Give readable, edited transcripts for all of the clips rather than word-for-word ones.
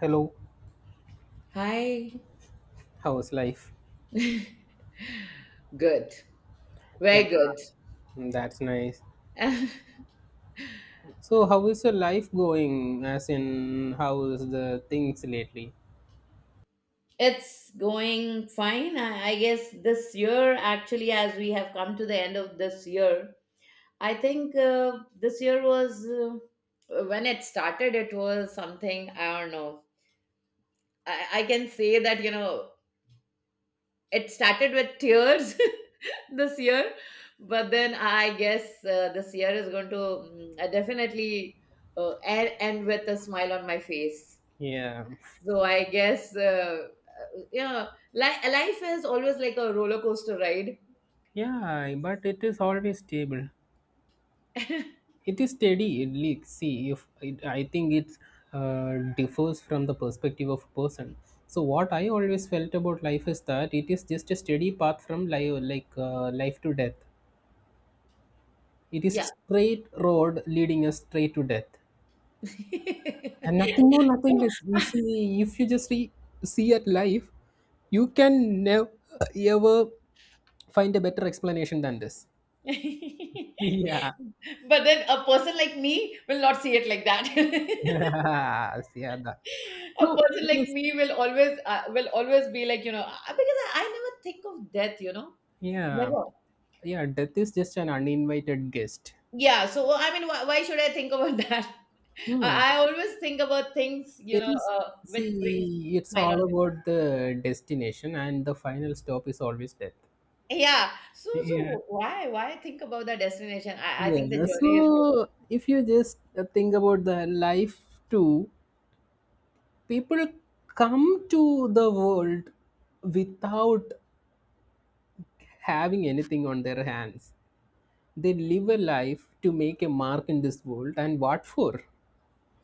Hello, Hi. how's life? Good. Yeah, Very good. mm, that's nice. So, how is your life going? As in, how is the things lately? It's going fine. I guess this year, actually, as we have come to the end of this year, I think this year was, when it started, it was something, I don't know. I can say that, you know, it started with tears, this year, but then I guess this year is going to definitely end with a smile on my face. Yeah, So I guess yeah, life is always like a roller coaster ride. yeah, but it is always stable. It is steady. It leaks. See, if it, I think it differs from the perspective of a person. So, what I always felt about life is that it is just a steady path from life, like life to death. It is a Yeah. straight road leading us straight to death. And nothing more, nothing So, less. You see, if you just see at life, you can never ever find a better explanation than this. Yeah. but then a person like me will not see it like that. yeah, that. A So person it like is, me will always be like, you know, because I never think of death. You know. yeah Never. yeah, death is just an uninvited guest. Yeah. So I mean, why should I think about that? Hmm. I always think about things, you It know, is, which brings see, it's smile on. all about the destination, and the final stop is always death. Yeah. So Yeah. so why think about the destination? I think the Yeah. journey is good. So if you just think about the life too, people come to the world without having anything on their hands. They live a life to make a mark in this world, and what for?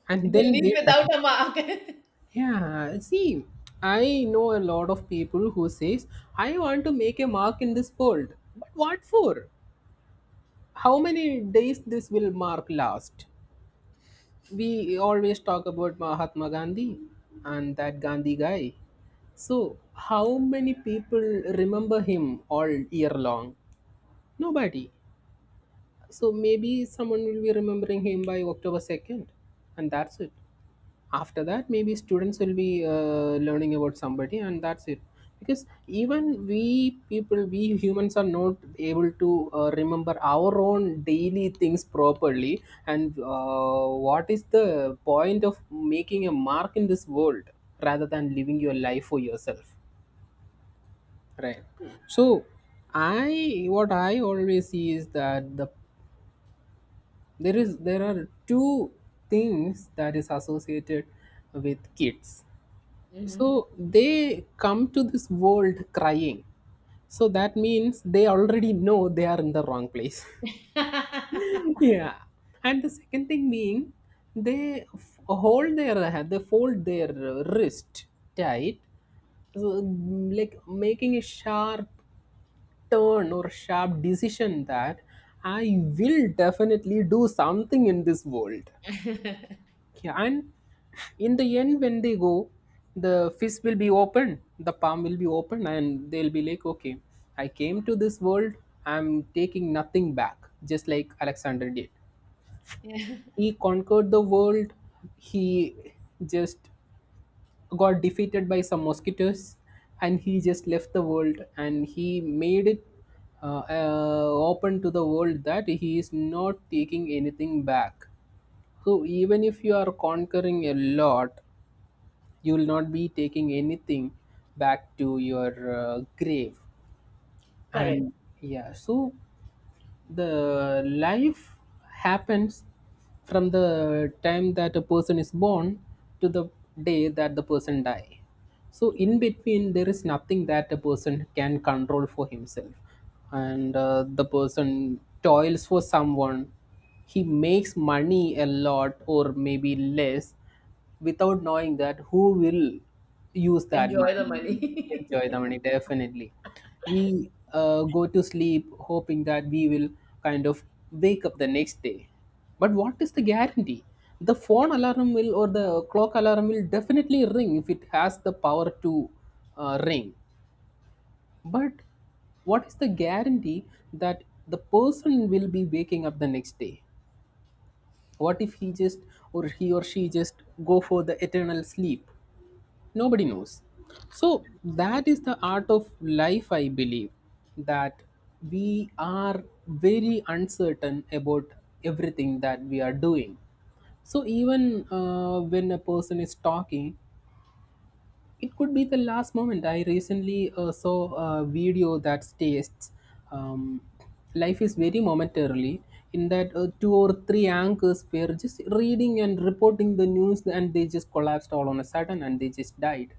And The then they leap die. without a mark. Yeah, see, I know a lot of people who says, "I want to make a mark in this world," but what for? How many days this will mark last? We always talk about Mahatma Gandhi and that Gandhi guy. So, how many people remember him all year long? Nobody. So maybe someone will be remembering him by October 2nd, and that's it. After that, maybe students will be learning about somebody, and that's it. Because even we people, we humans are not able to remember our own daily things properly. And what is the point of making a mark in this world rather than living your life for yourself? Right. So, I what I always see is that there are two things that is associated with kids. So Hmm. they come to this world crying, so that means they already know they are in the wrong place. yeah. And the second thing being, they fold their wrist tight. So, like making a sharp turn or sharp decision that I will definitely do something in this world. Yeah, and in the end, when they go, the fist will be open, the palm will be open, and they'll be like, okay, I came to this world, I'm taking nothing back, just like Alexander did. Yeah. He conquered the world, he just got defeated by some mosquitoes, and he just left the world and he made it open to the world that he is not taking anything back. So even if you are conquering a lot, you will not be taking anything back to your grave. Correct. And yeah, so the life happens from the time that a person is born to the day that the person die. So in between there is nothing that a person can control for himself, and the person toils for someone. He makes money, a lot or maybe less, without knowing that who will use that Enjoy the money, money. enjoy the money, definitely. We go to sleep hoping that we will kind of wake up the next day. But what is the guarantee? The phone alarm will or the clock alarm will definitely ring if it has the power to ring. But what is the guarantee that the person will be waking up the next day? What if he just, or he or she, just go for the eternal sleep? Nobody knows. So that Absolutely. is the art of life, I believe, that we are very uncertain about everything that we are doing. So even when a person is talking, it could be the last moment. I recently saw a video that states, um, life is very momentarily. In that, two or three anchors were just reading and reporting the news, and they just collapsed all on a sudden, and they just died.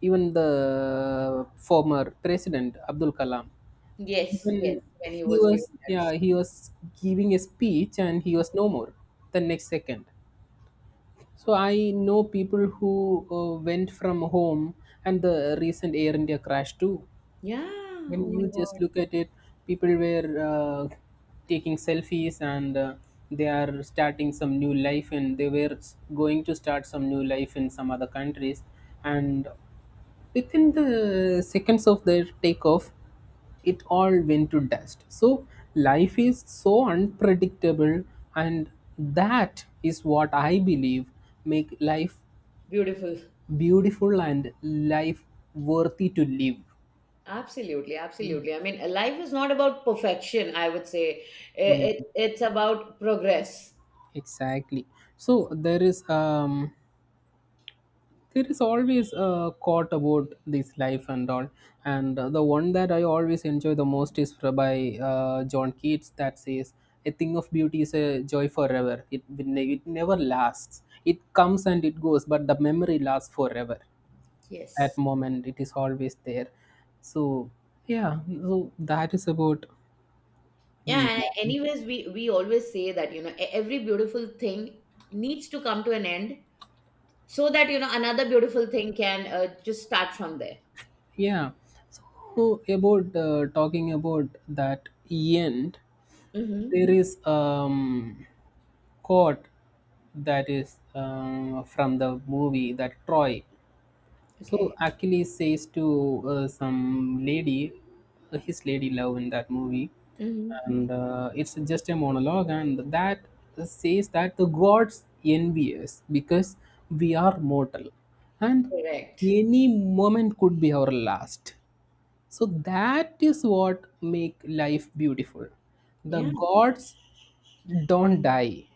Even the former president Abdul Kalam, Yes, yes. when When he he was giving was that yeah he speech. was giving a speech, and he was no more the next second. So I know people who went from home, and the recent Air India crash too. Yeah. Oh When my you just God. look at it, people were taking selfies and they are starting some new life, and they were going to start some new life in some other countries, and within the seconds of their takeoff, it all went to dust. So, life is so unpredictable, and that is what I believe make life Beautiful. beautiful and life worthy to live. Absolutely, absolutely. I mean, life is not about perfection. I would say Yeah, I- it's about progress. exactly. So there is always a quote about this life and all, and the one that I always enjoy the most is by John Keats, that says a thing of beauty is a joy forever. It will it never lasts, it comes and it goes, but the memory lasts forever. That Yes. moment, it is always there. So yeah, so that is about. Mm, Yeah, and anyways, we always say that, you know, every beautiful thing needs to come to an end so that, you know, another beautiful thing can just start from there. yeah, so about talking about that end, Mm-hmm. there is quote that is from the movie that Troy. So Okay. Achilles says to some lady, his lady love in that movie, Mm-hmm. and it's just a monologue, and that says that the gods envy us because we are mortal, and Correct. any moment could be our last. So that is what make life beautiful. The Yeah. gods don't die,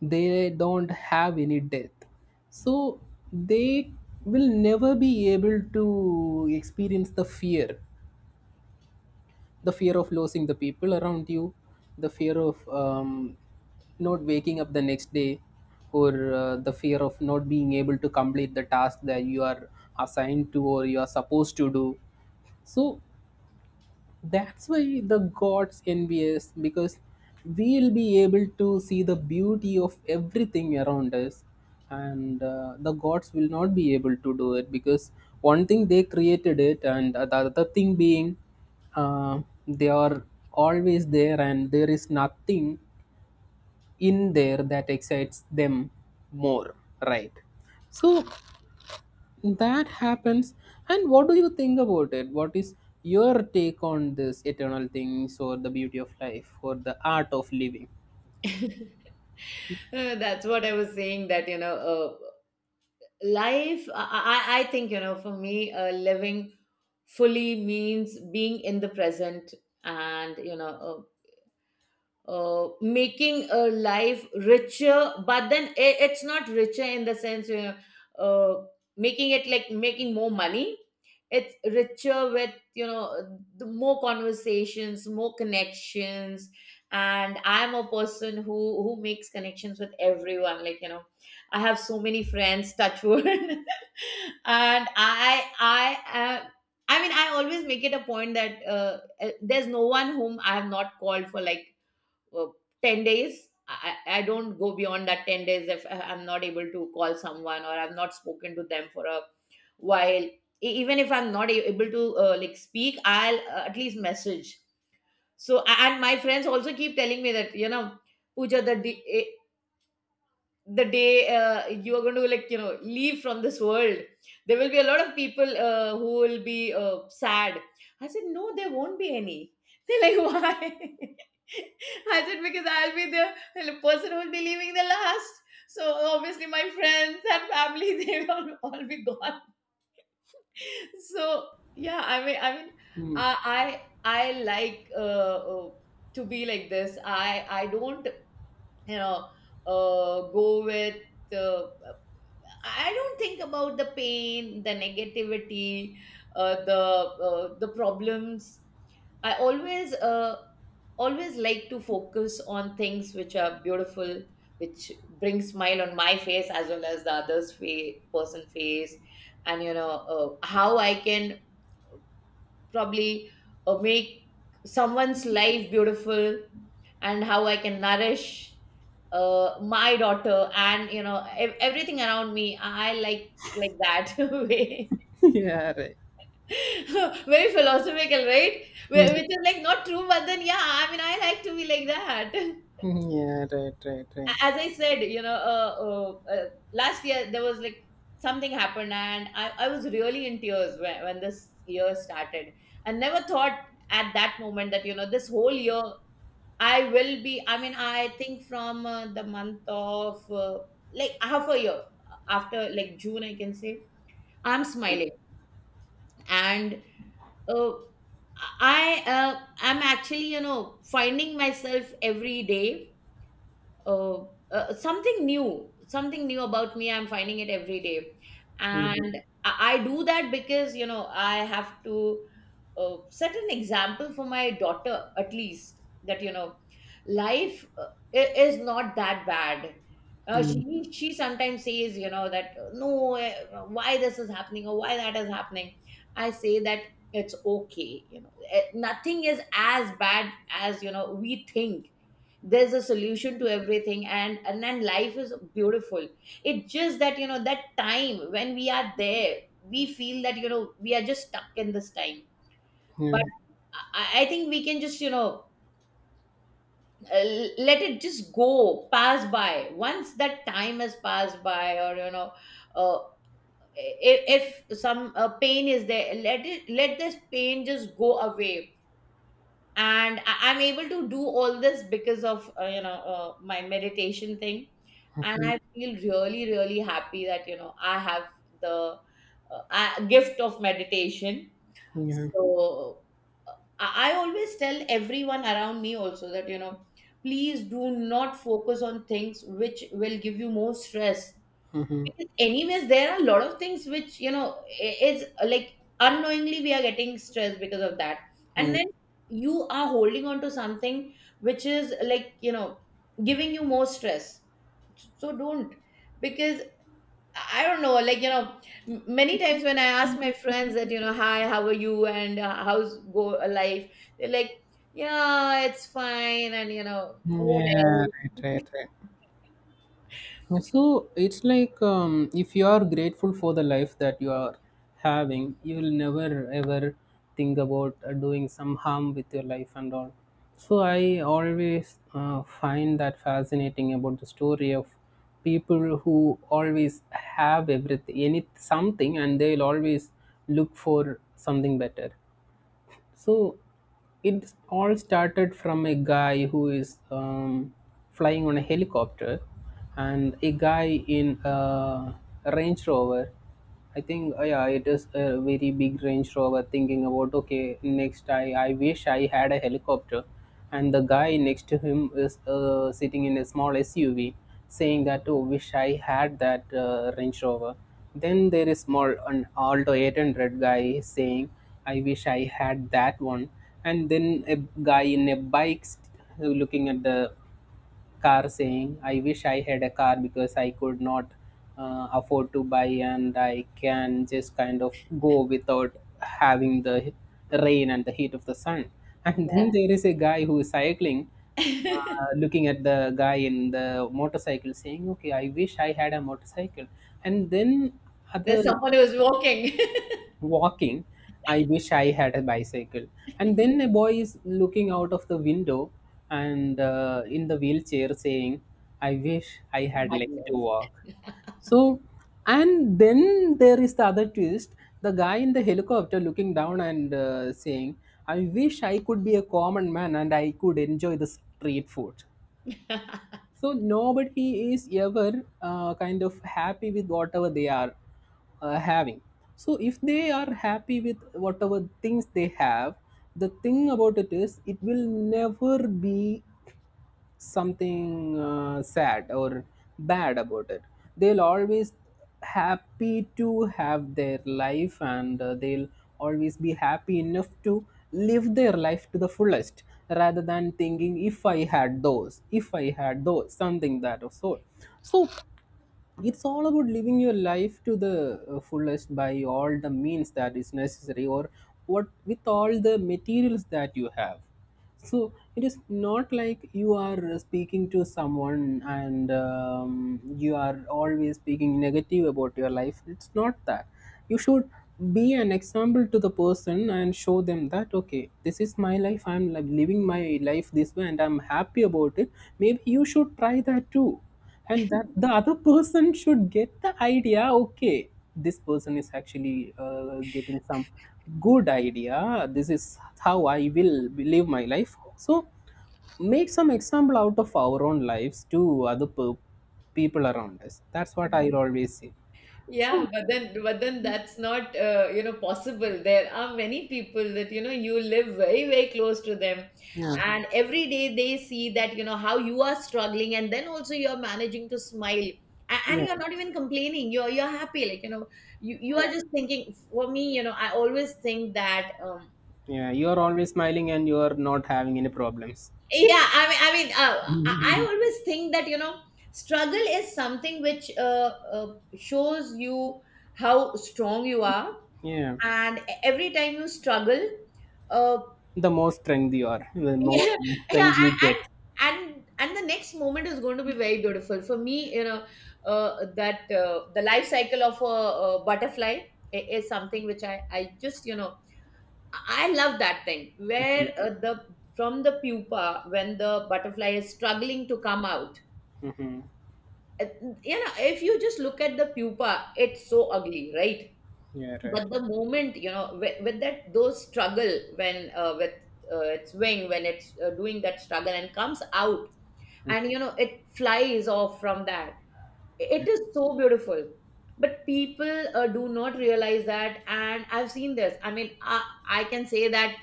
they don't have any death. So they will never be able to experience the fear, the fear of losing the people around you, the fear of not waking up the next day, or the fear of not being able to complete the task that you are assigned to or you are supposed to do. So that's why the gods envy us, because we'll be able to see the beauty of everything around us, and the gods will not be able to do it because one thing, they created it, and the other thing being, uh, they are always there, and there is nothing in there that excites them more. Right. So that happens. And what do you think about it? What is your take on this eternal things, or the beauty of life, or the art of living? That's what I was saying that, you know, life, I think, you know, for me, living fully means being in the present, and, you know, making a life richer, but then it's not richer in the sense you uh, making it like making more money, it's richer with, you know, the more conversations, more connections. And I'm a person who makes connections with everyone, like, you know, I have so many friends, touch wood. And i i uh, I mean, I always make it a point that there's no one whom I have not called for like uh, 10 days. I don't go beyond that 10 days. If I'm not able to call someone or I've not spoken to them for a while, even if I'm not able to like, speak, I'll at least message. So and my friends also keep telling me that, you know, Puja, the day you are going to, like, you know, leave from this world, there will be a lot of people who will be sad. I said, no, there won't be any. They're like, why? I said because I'll be the person who will be leaving the last, so obviously my friends and family they will all be gone. So yeah, I mean, Hmm. I like, to be like this, I don't, you know, go with, uh, I don't think about the pain, the negativity, the problems. I always like to focus on things which are beautiful, which bring smile on my face as well as the other's person face, and, you know, how I can probably make someone's life beautiful, and how I can nourish my daughter, and, you know, everything around me. I like that way. yeah, right. Very philosophical, right? Hmm. Which is, like, not true, but then yeah, I mean, I like to be like that. Hmm, yeah, right, right, right. As I said, you know, last year there was like, something happened, and I was really in tears when this year started. I never thought at that moment that, you know, this whole year I will be, I mean, I think from the month of, like, half a year after, like, June, I can say, I'm smiling. And uh, I am actually, you know, finding myself every day. Uh, Something new, something new about me. I'm finding it every day. And I do that because, you know, I have to set an example for my daughter at least, that, you know, life, is not that bad. Mhm. She sometimes says, you know, that no, why this is happening or why that is happening. I say that it's okay, you know, nothing is as bad as, you know, we think. There's a solution to everything, and then life is beautiful. It's just that, you know, that time when we are there, we feel that, you know, we are just stuck in this time. Hmm. Yeah. But I think we can just, you know, uh, let it just go pass by once that time has passed by, or, you know, uh, if some pain is there, let it, let this pain just go away. And I'm able to do all this because of, you know, my meditation thing. And Mhm. I feel really, really happy that, you know, I have the gift of meditation. Yeah. So I always tell everyone around me also that, you know, please do not focus on things which will give you more stress. Mhm. Because anyways, there are a lot of things which, you know, is like, unknowingly, we are getting stressed because of that. And Hmm. then you are holding on to something which is, like, you know, giving you more stress. So don't. Because I don't know, like, you know, many times, when I ask my friends that, you know, hi, how are you, and how's go life? They're like, yeah, it's fine. And, you know, what Yeah, else? right, right, right. Yeah, so it's like if you are grateful for the life that you are having, you will never ever think about doing some harm with your life and all. So I always find that fascinating about the story of people who always have everything, any something, and they'll always look for something better. So it all started from a guy who is flying on a helicopter, and a guy in a Range Rover. I think, yeah, it is a very big Range Rover, thinking about, okay, next I wish I had a helicopter. And the guy next to him is sitting in a small SUV saying that, oh, wish I had that Range Rover. Then there is more an Alto 800 guy saying, I wish I had that one. And then a guy in a bike, looking at the car, saying, I wish I had a car, because I could not afford to buy, and I can just kind of go without having the rain and the heat of the sun. and Yeah. then there is a guy who is cycling, looking at the guy in the motorcycle, saying, okay, I wish I had a motorcycle. And then other There's someone who's walking. walking, I wish I had a bicycle. And then a boy is looking out of the window and in the wheelchair saying, I wish I had Hard legs to walk. So, and then there is the other twist, the guy in the helicopter looking down and saying, I wish I could be a common man, and I could enjoy the street food. legs. So nobody is ever kind of happy with whatever they are having. So if they are happy with whatever things they have, the thing about it is it will never be something sad or bad about it, they'll always happy to have their life, and they'll always be happy enough to live their life to the fullest rather than thinking if I had those something that of sort. So it's all about living your life to the fullest by all the means that is necessary, or what, with all the materials that you have. So it is not like you are speaking to someone and you are always speaking negative about your life. It's not that. You should be an example to the person and show them that okay, this is my life, I'm like living my life this way and I'm happy about it. Maybe you should try that too. And that the other person should get the idea, okay, this person is actually getting some good idea, this is how I will live my life. So make some example out of our own lives to other pe- people around us, that's what I always say. So Yeah, but then that's not you know, possible. There are many people that, you know, you live very, very close to them, yeah, and every day they see that, you know, how you are struggling, and then also you are managing to smile, and you yeah, are not even complaining. You're happy, like, you know, you are yeah, just thinking. For me, you know, I always think that yeah. You're always smiling and you're not having any problems. yeah, I mean, I, Mhm. I always think that, you know, struggle is something which shows you how strong you are. Yeah, And every time you struggle, uh the more strength you are, the more yeah, yeah. strength you get. And and and the next moment is going to be very beautiful for me, you know, that the life cycle of a, butterfly is something which, I just, you know, I love that thing where Hmm. The from the pupa, when the butterfly is struggling to come out. Hmm. uh, you know, if you just look at the pupa, it's so ugly, right? Yeah, right. But the moment, you know, with that, those struggle, when with its wing, when it's doing that struggle and comes out, and, you know, it flies off from that. It is so beautiful. But people do not realize that. And I've seen this, I mean, I can say that,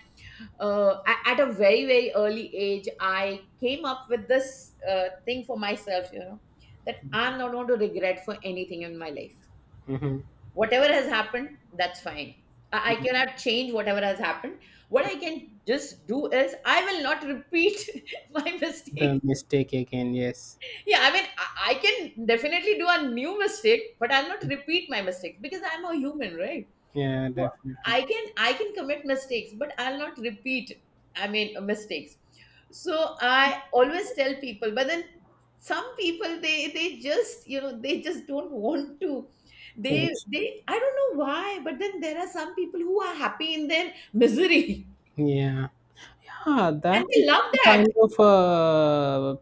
at a very, very early age, I came up with this thing for myself, you know, that I'm not going to regret for anything in my life. Hmm. Whatever has happened, that's fine. I cannot change whatever has happened. What I can just do is, I will not repeat my The mistake. mistake again, yes. Yeah, I mean, I can definitely do a new mistake, but I'll not repeat my mistake because I'm a human, right? Yeah, So definitely. I can commit mistakes, but I'll not repeat. I mean, mistakes. So I always tell people, but then some people, they just, you know, they just don't want to. They Yes. they I don't know why, but then there are some people who are happy in their misery, Yeah. Yeah, and that is they love some that. kind of a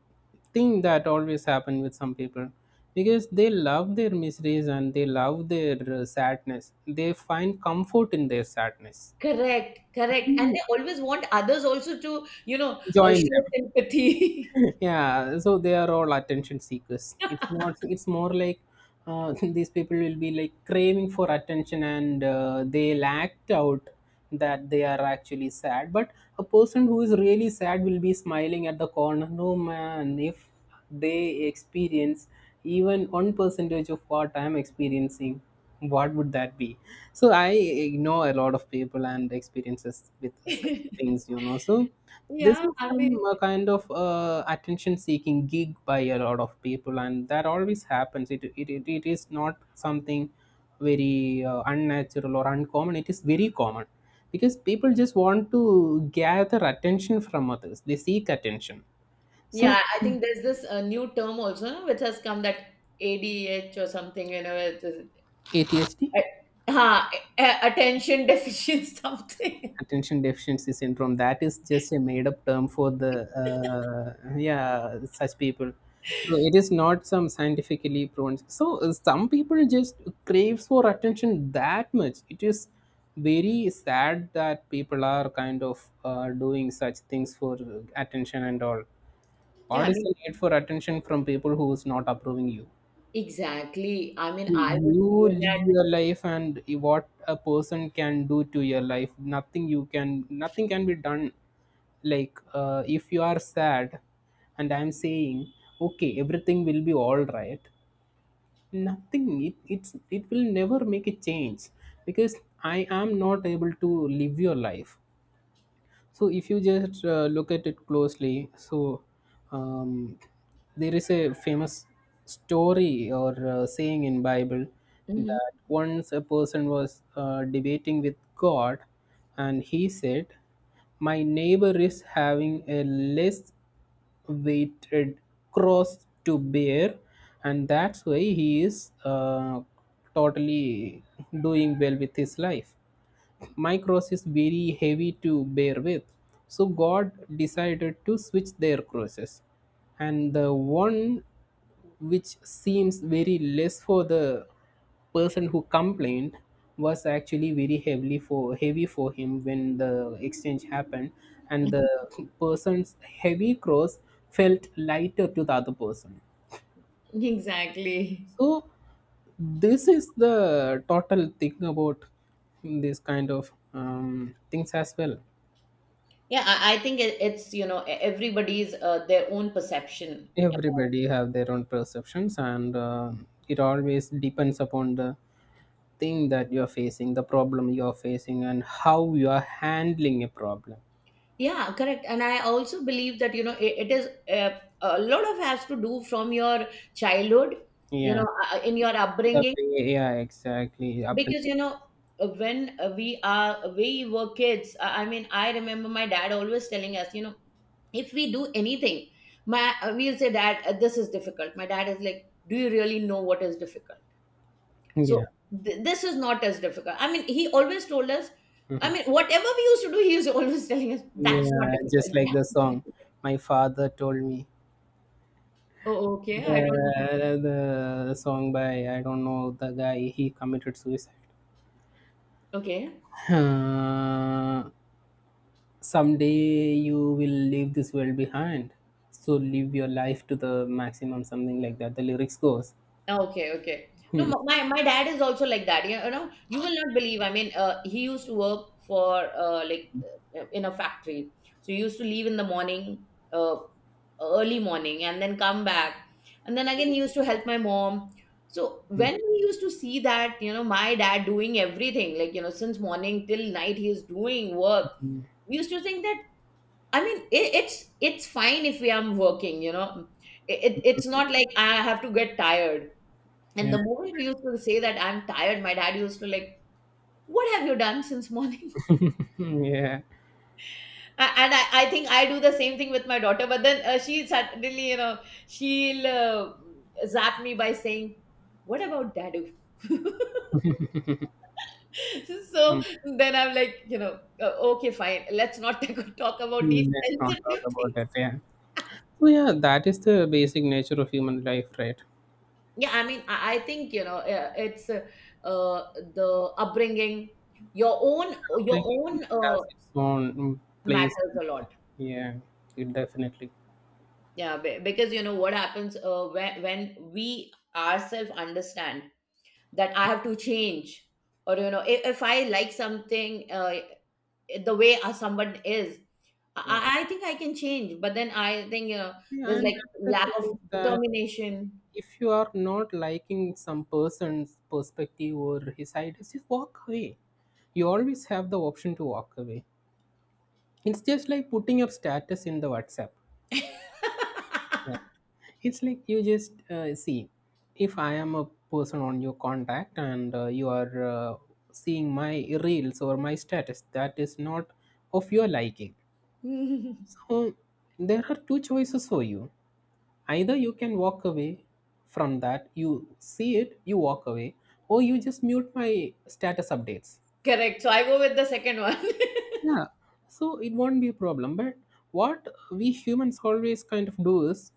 thing that always happen with some people, because they love their miseries and they love their sadness. They find comfort in their sadness. Correct, correct, and You. they always want others also to, you know, Join show them. sympathy. Yeah, so they are all attention seekers. It's not, it's more like, uh, these people will be like craving for attention and they'll act out that they are actually sad. But a person who is really sad will be smiling at the corner. No man, if they experience even one percentage of what I'm experiencing, what would that be? So I ignore a lot of people and experiences with such things, you know. So this Yeah, is I some mean. Kind of attention seeking gig by a lot of people, and that always happens. It is not something very unnatural or uncommon, it is very common, because people just want to gather attention from others, they seek attention. So Yeah, I think there's this new term also, no, which has come, that ADH or something, you know, it is, ADHD, uh, ha, attention deficient something. attention deficiency syndrome. That is just a made up term for the yeah, such people. So it is not some scientifically proven. So some people just craves for attention that much. It is very sad that people are kind of doing such things for attention and all. Yeah, What I is mean, the need for attention from people who is not approving you? exactly. I mean, I would You say live your that. life, and what a person can do to your life? Nothing. You can, nothing can be done. Like if you are sad and I'm saying okay, everything will be all right, nothing, it's it will never make a change, because I am not able to live your life. So if you just look at it closely, so um, there is a famous story or saying in Bible, Mhm. that once a person was debating with God, and he said, "My neighbor is having a less weighted cross to bear, and that's why he is totally doing well with his life. My cross is very heavy to bear with." So God decided to switch their crosses. And the one which seems very less for the person who complained was actually very heavily for heavy for him when the exchange happened, and the person's heavy cross felt lighter to the other person. Exactly. So this is the total thing about this kind of things as well. Yeah, I think it's, you know, everybody's their own perception. Everybody have their own perceptions, and it always depends upon the thing that you are facing, the problem you are facing, and how you are handling a problem. Yeah, correct. And I also believe that, you know, it is a lot of has to do from your childhood, you Yeah, know, in your the upbringing. way, yeah, exactly. Appre- Because, you know, when, we were kids, I mean, I remember my dad always telling us, you know, if we do anything, my we'll say, dad, this is difficult. My dad is like, do you really know what is difficult? So Yeah. this is not as difficult, I mean, he always told us, I Mhm. mean, whatever we used to do, he was always telling us, that's not Yeah, just difficult. like the song. My father told me. Oh, okay. I don't. The song by, I don't know the guy, he committed suicide. Okay. Uh, someday you will leave this world behind, so live your life to the maximum. Something like that. The lyrics goes. Okay, okay. No, Hmm. my dad is also like that. You know, you will not believe. I mean, he used to work for in a factory. So he used to leave in the morning, uh, early morning, and then come back, and then again he used to help my mom. So when we used to see that, you know, my dad doing everything, like, you know, since morning till night, he is doing work, Hmm. we used to think that. I mean, it's fine if we are working. You know, it's not like I have to get tired, and Yeah. the moment we used to say that I'm tired, my dad used to like, what have you done since morning? Hmm, yeah. And I think I do the same thing with my daughter, but then she suddenly, you know, she'll zap me by saying, what about dadu? So Mm. then I'm like, you know, okay, fine. Let's not talk about these Let's not talk sensitive about things. that. Yeah. So yeah, that is the basic nature of human life, right? Yeah, I mean, I think, you know, it's uh, the upbringing, your own, your Upbringing own has its own mm, place. matters a lot. Yeah, it definitely. Yeah, because, you know, what happens, when we ourselves understand that I have to change, or, you know, if I like something, the way someone is, Yeah. I think I can change. But then I think, you know, See, there's and like, another lack thing of is that determination. if you are not liking some person's perspective or his ideas, just walk away. You always have the option to walk away. It's just like putting up status in the WhatsApp. Yeah. It's like you just see, if I am a person on your contact and you are seeing my reels or my status that is not of your liking. So there are two choices for you, either you can walk away from that, you see it, you walk away, or you just mute my status updates. Correct. So I go with the second one. Yeah, so it won't be a problem. But what we humans always kind of do is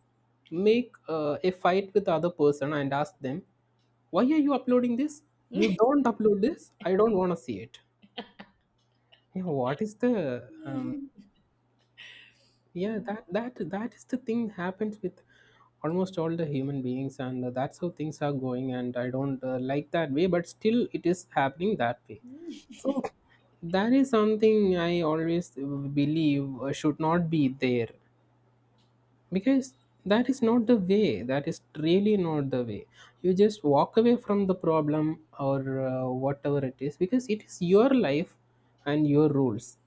make a fight with the other person and ask them, why are you uploading this? You don't upload this, I don't want to see it. Yeah, what is the yeah, that is the thing happens with almost all the human beings, and that's how things are going, and I don't like that way, but still it is happening that way. So that is something I always believe should not be there, because that is not the way, that is really not the way. You just walk away from the problem, or whatever it is, because it is your life and your rules.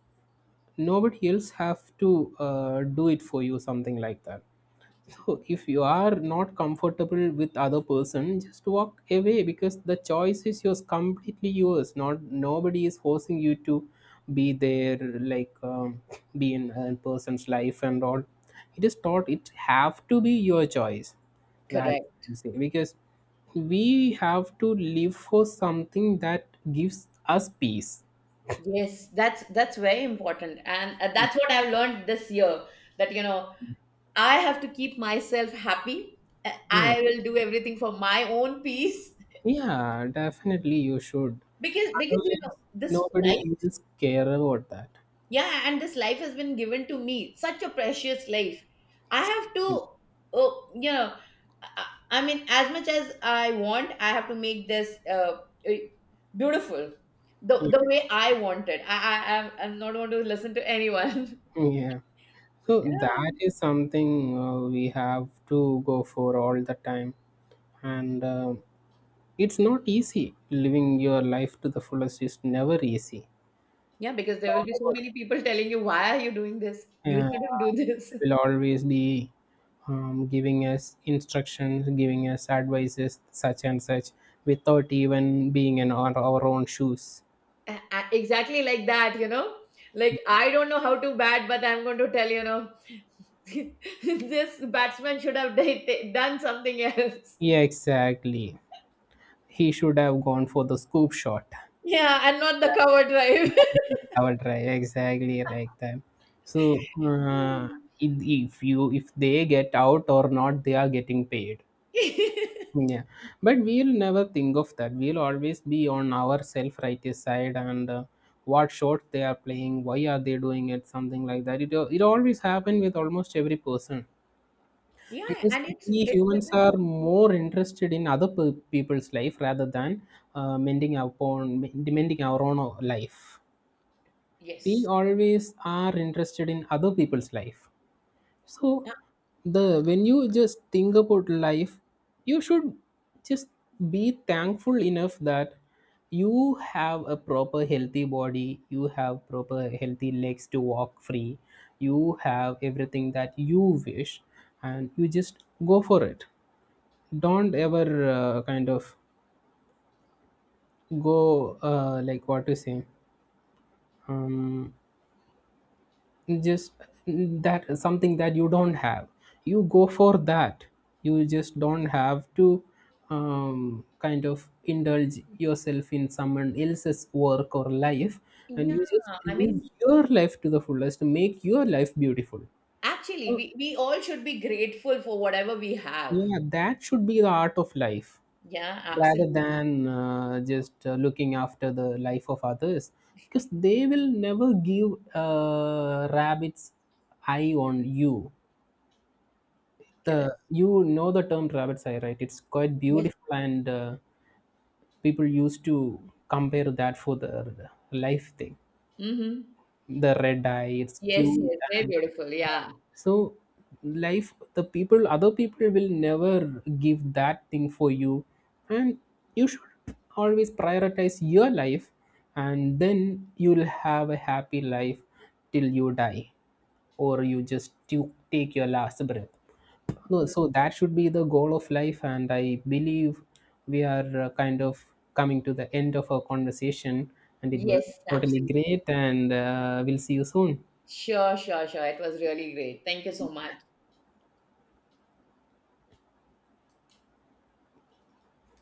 Nobody else have to do it for you, something like that. So if you are not comfortable with other person, just walk away, because the choice is yours, completely yours. Not nobody is forcing you to be there, like be in a person's life and all. It is taught, it have to be your choice. That's Correct. what I say. Because we have to live for something that gives us peace. Yes, that's very important, and that's what I've learned this year. That, you know, I have to keep myself happy. Yeah. I will do everything for my own peace. Yeah, definitely you should. Because, you know, Otherwise, this life, nobody will care about that. yeah, and this life has been given to me, such a precious life. I have to, oh, you know, I, I mean, as much as I want, I have to make this eh, beautiful, the way I want it. I'm not going to listen to anyone. Yeah. So Yeah. that is something we have to go for all the time. And it's not easy. Living your life to the fullest is never easy. Yeah, It's because there will all be so about, many people telling you, why are you doing this? You yeah, shouldn't do this. will always be giving us instructions, giving us advices, such and such, without even being in our own shoes. Exactly like that, you know, like, I don't know how to bat, but I'm going to tell, you know, this batsman should have done something else, Yeah, exactly. He should have gone for the scoop shot. yeah, and not the cover drive. Our try exactly like that. So if, if you, if they get out or not, they are getting paid. Yeah, but we'll never think of that. We'll always be on our self-righteous side, and what shot they are playing, why are they doing it, something like that. It always happen with almost every person. Yeah, Because and it's we it's with humans this. are more interested in other people's life rather than mending our own life. We Yes. always are interested in other people's life. So, Uh, the when you just think about life, you should just be thankful enough that you have a proper healthy body, you have proper healthy legs to walk free, you have everything that you wish, and you just go for it. Don't ever kind of go like, what to say, um, just that something that you don't have, you go for that. You just don't have to kind of indulge yourself in someone else's work or life, and yeah, you just I live mean, your life to the fullest, make your life beautiful. actually, So we all should be grateful for whatever we have. yeah, that should be the art of life, Yeah, rather absolutely. than just looking after the life of others, because they will never give rabbit's eye on you. Correct. The, you know, the term rabbit's eye, right? It's quite Yes. beautiful, and people used to compare that for the life thing. Mm-hmm. The red eye, it's Yes, yes, cute. very And beautiful, yeah, yeah. so life, the people, other people will never give that thing for you. And you should always prioritize your life, and then you'll have a happy life till you die, or you just you take your last breath. No, Mhm. so that should be the goal of life. And I believe we are kind of coming to the end of our conversation, and it was Yes, totally absolutely. great, and we'll see you soon. Sure, sure, sure. It was really great. Thank you so much.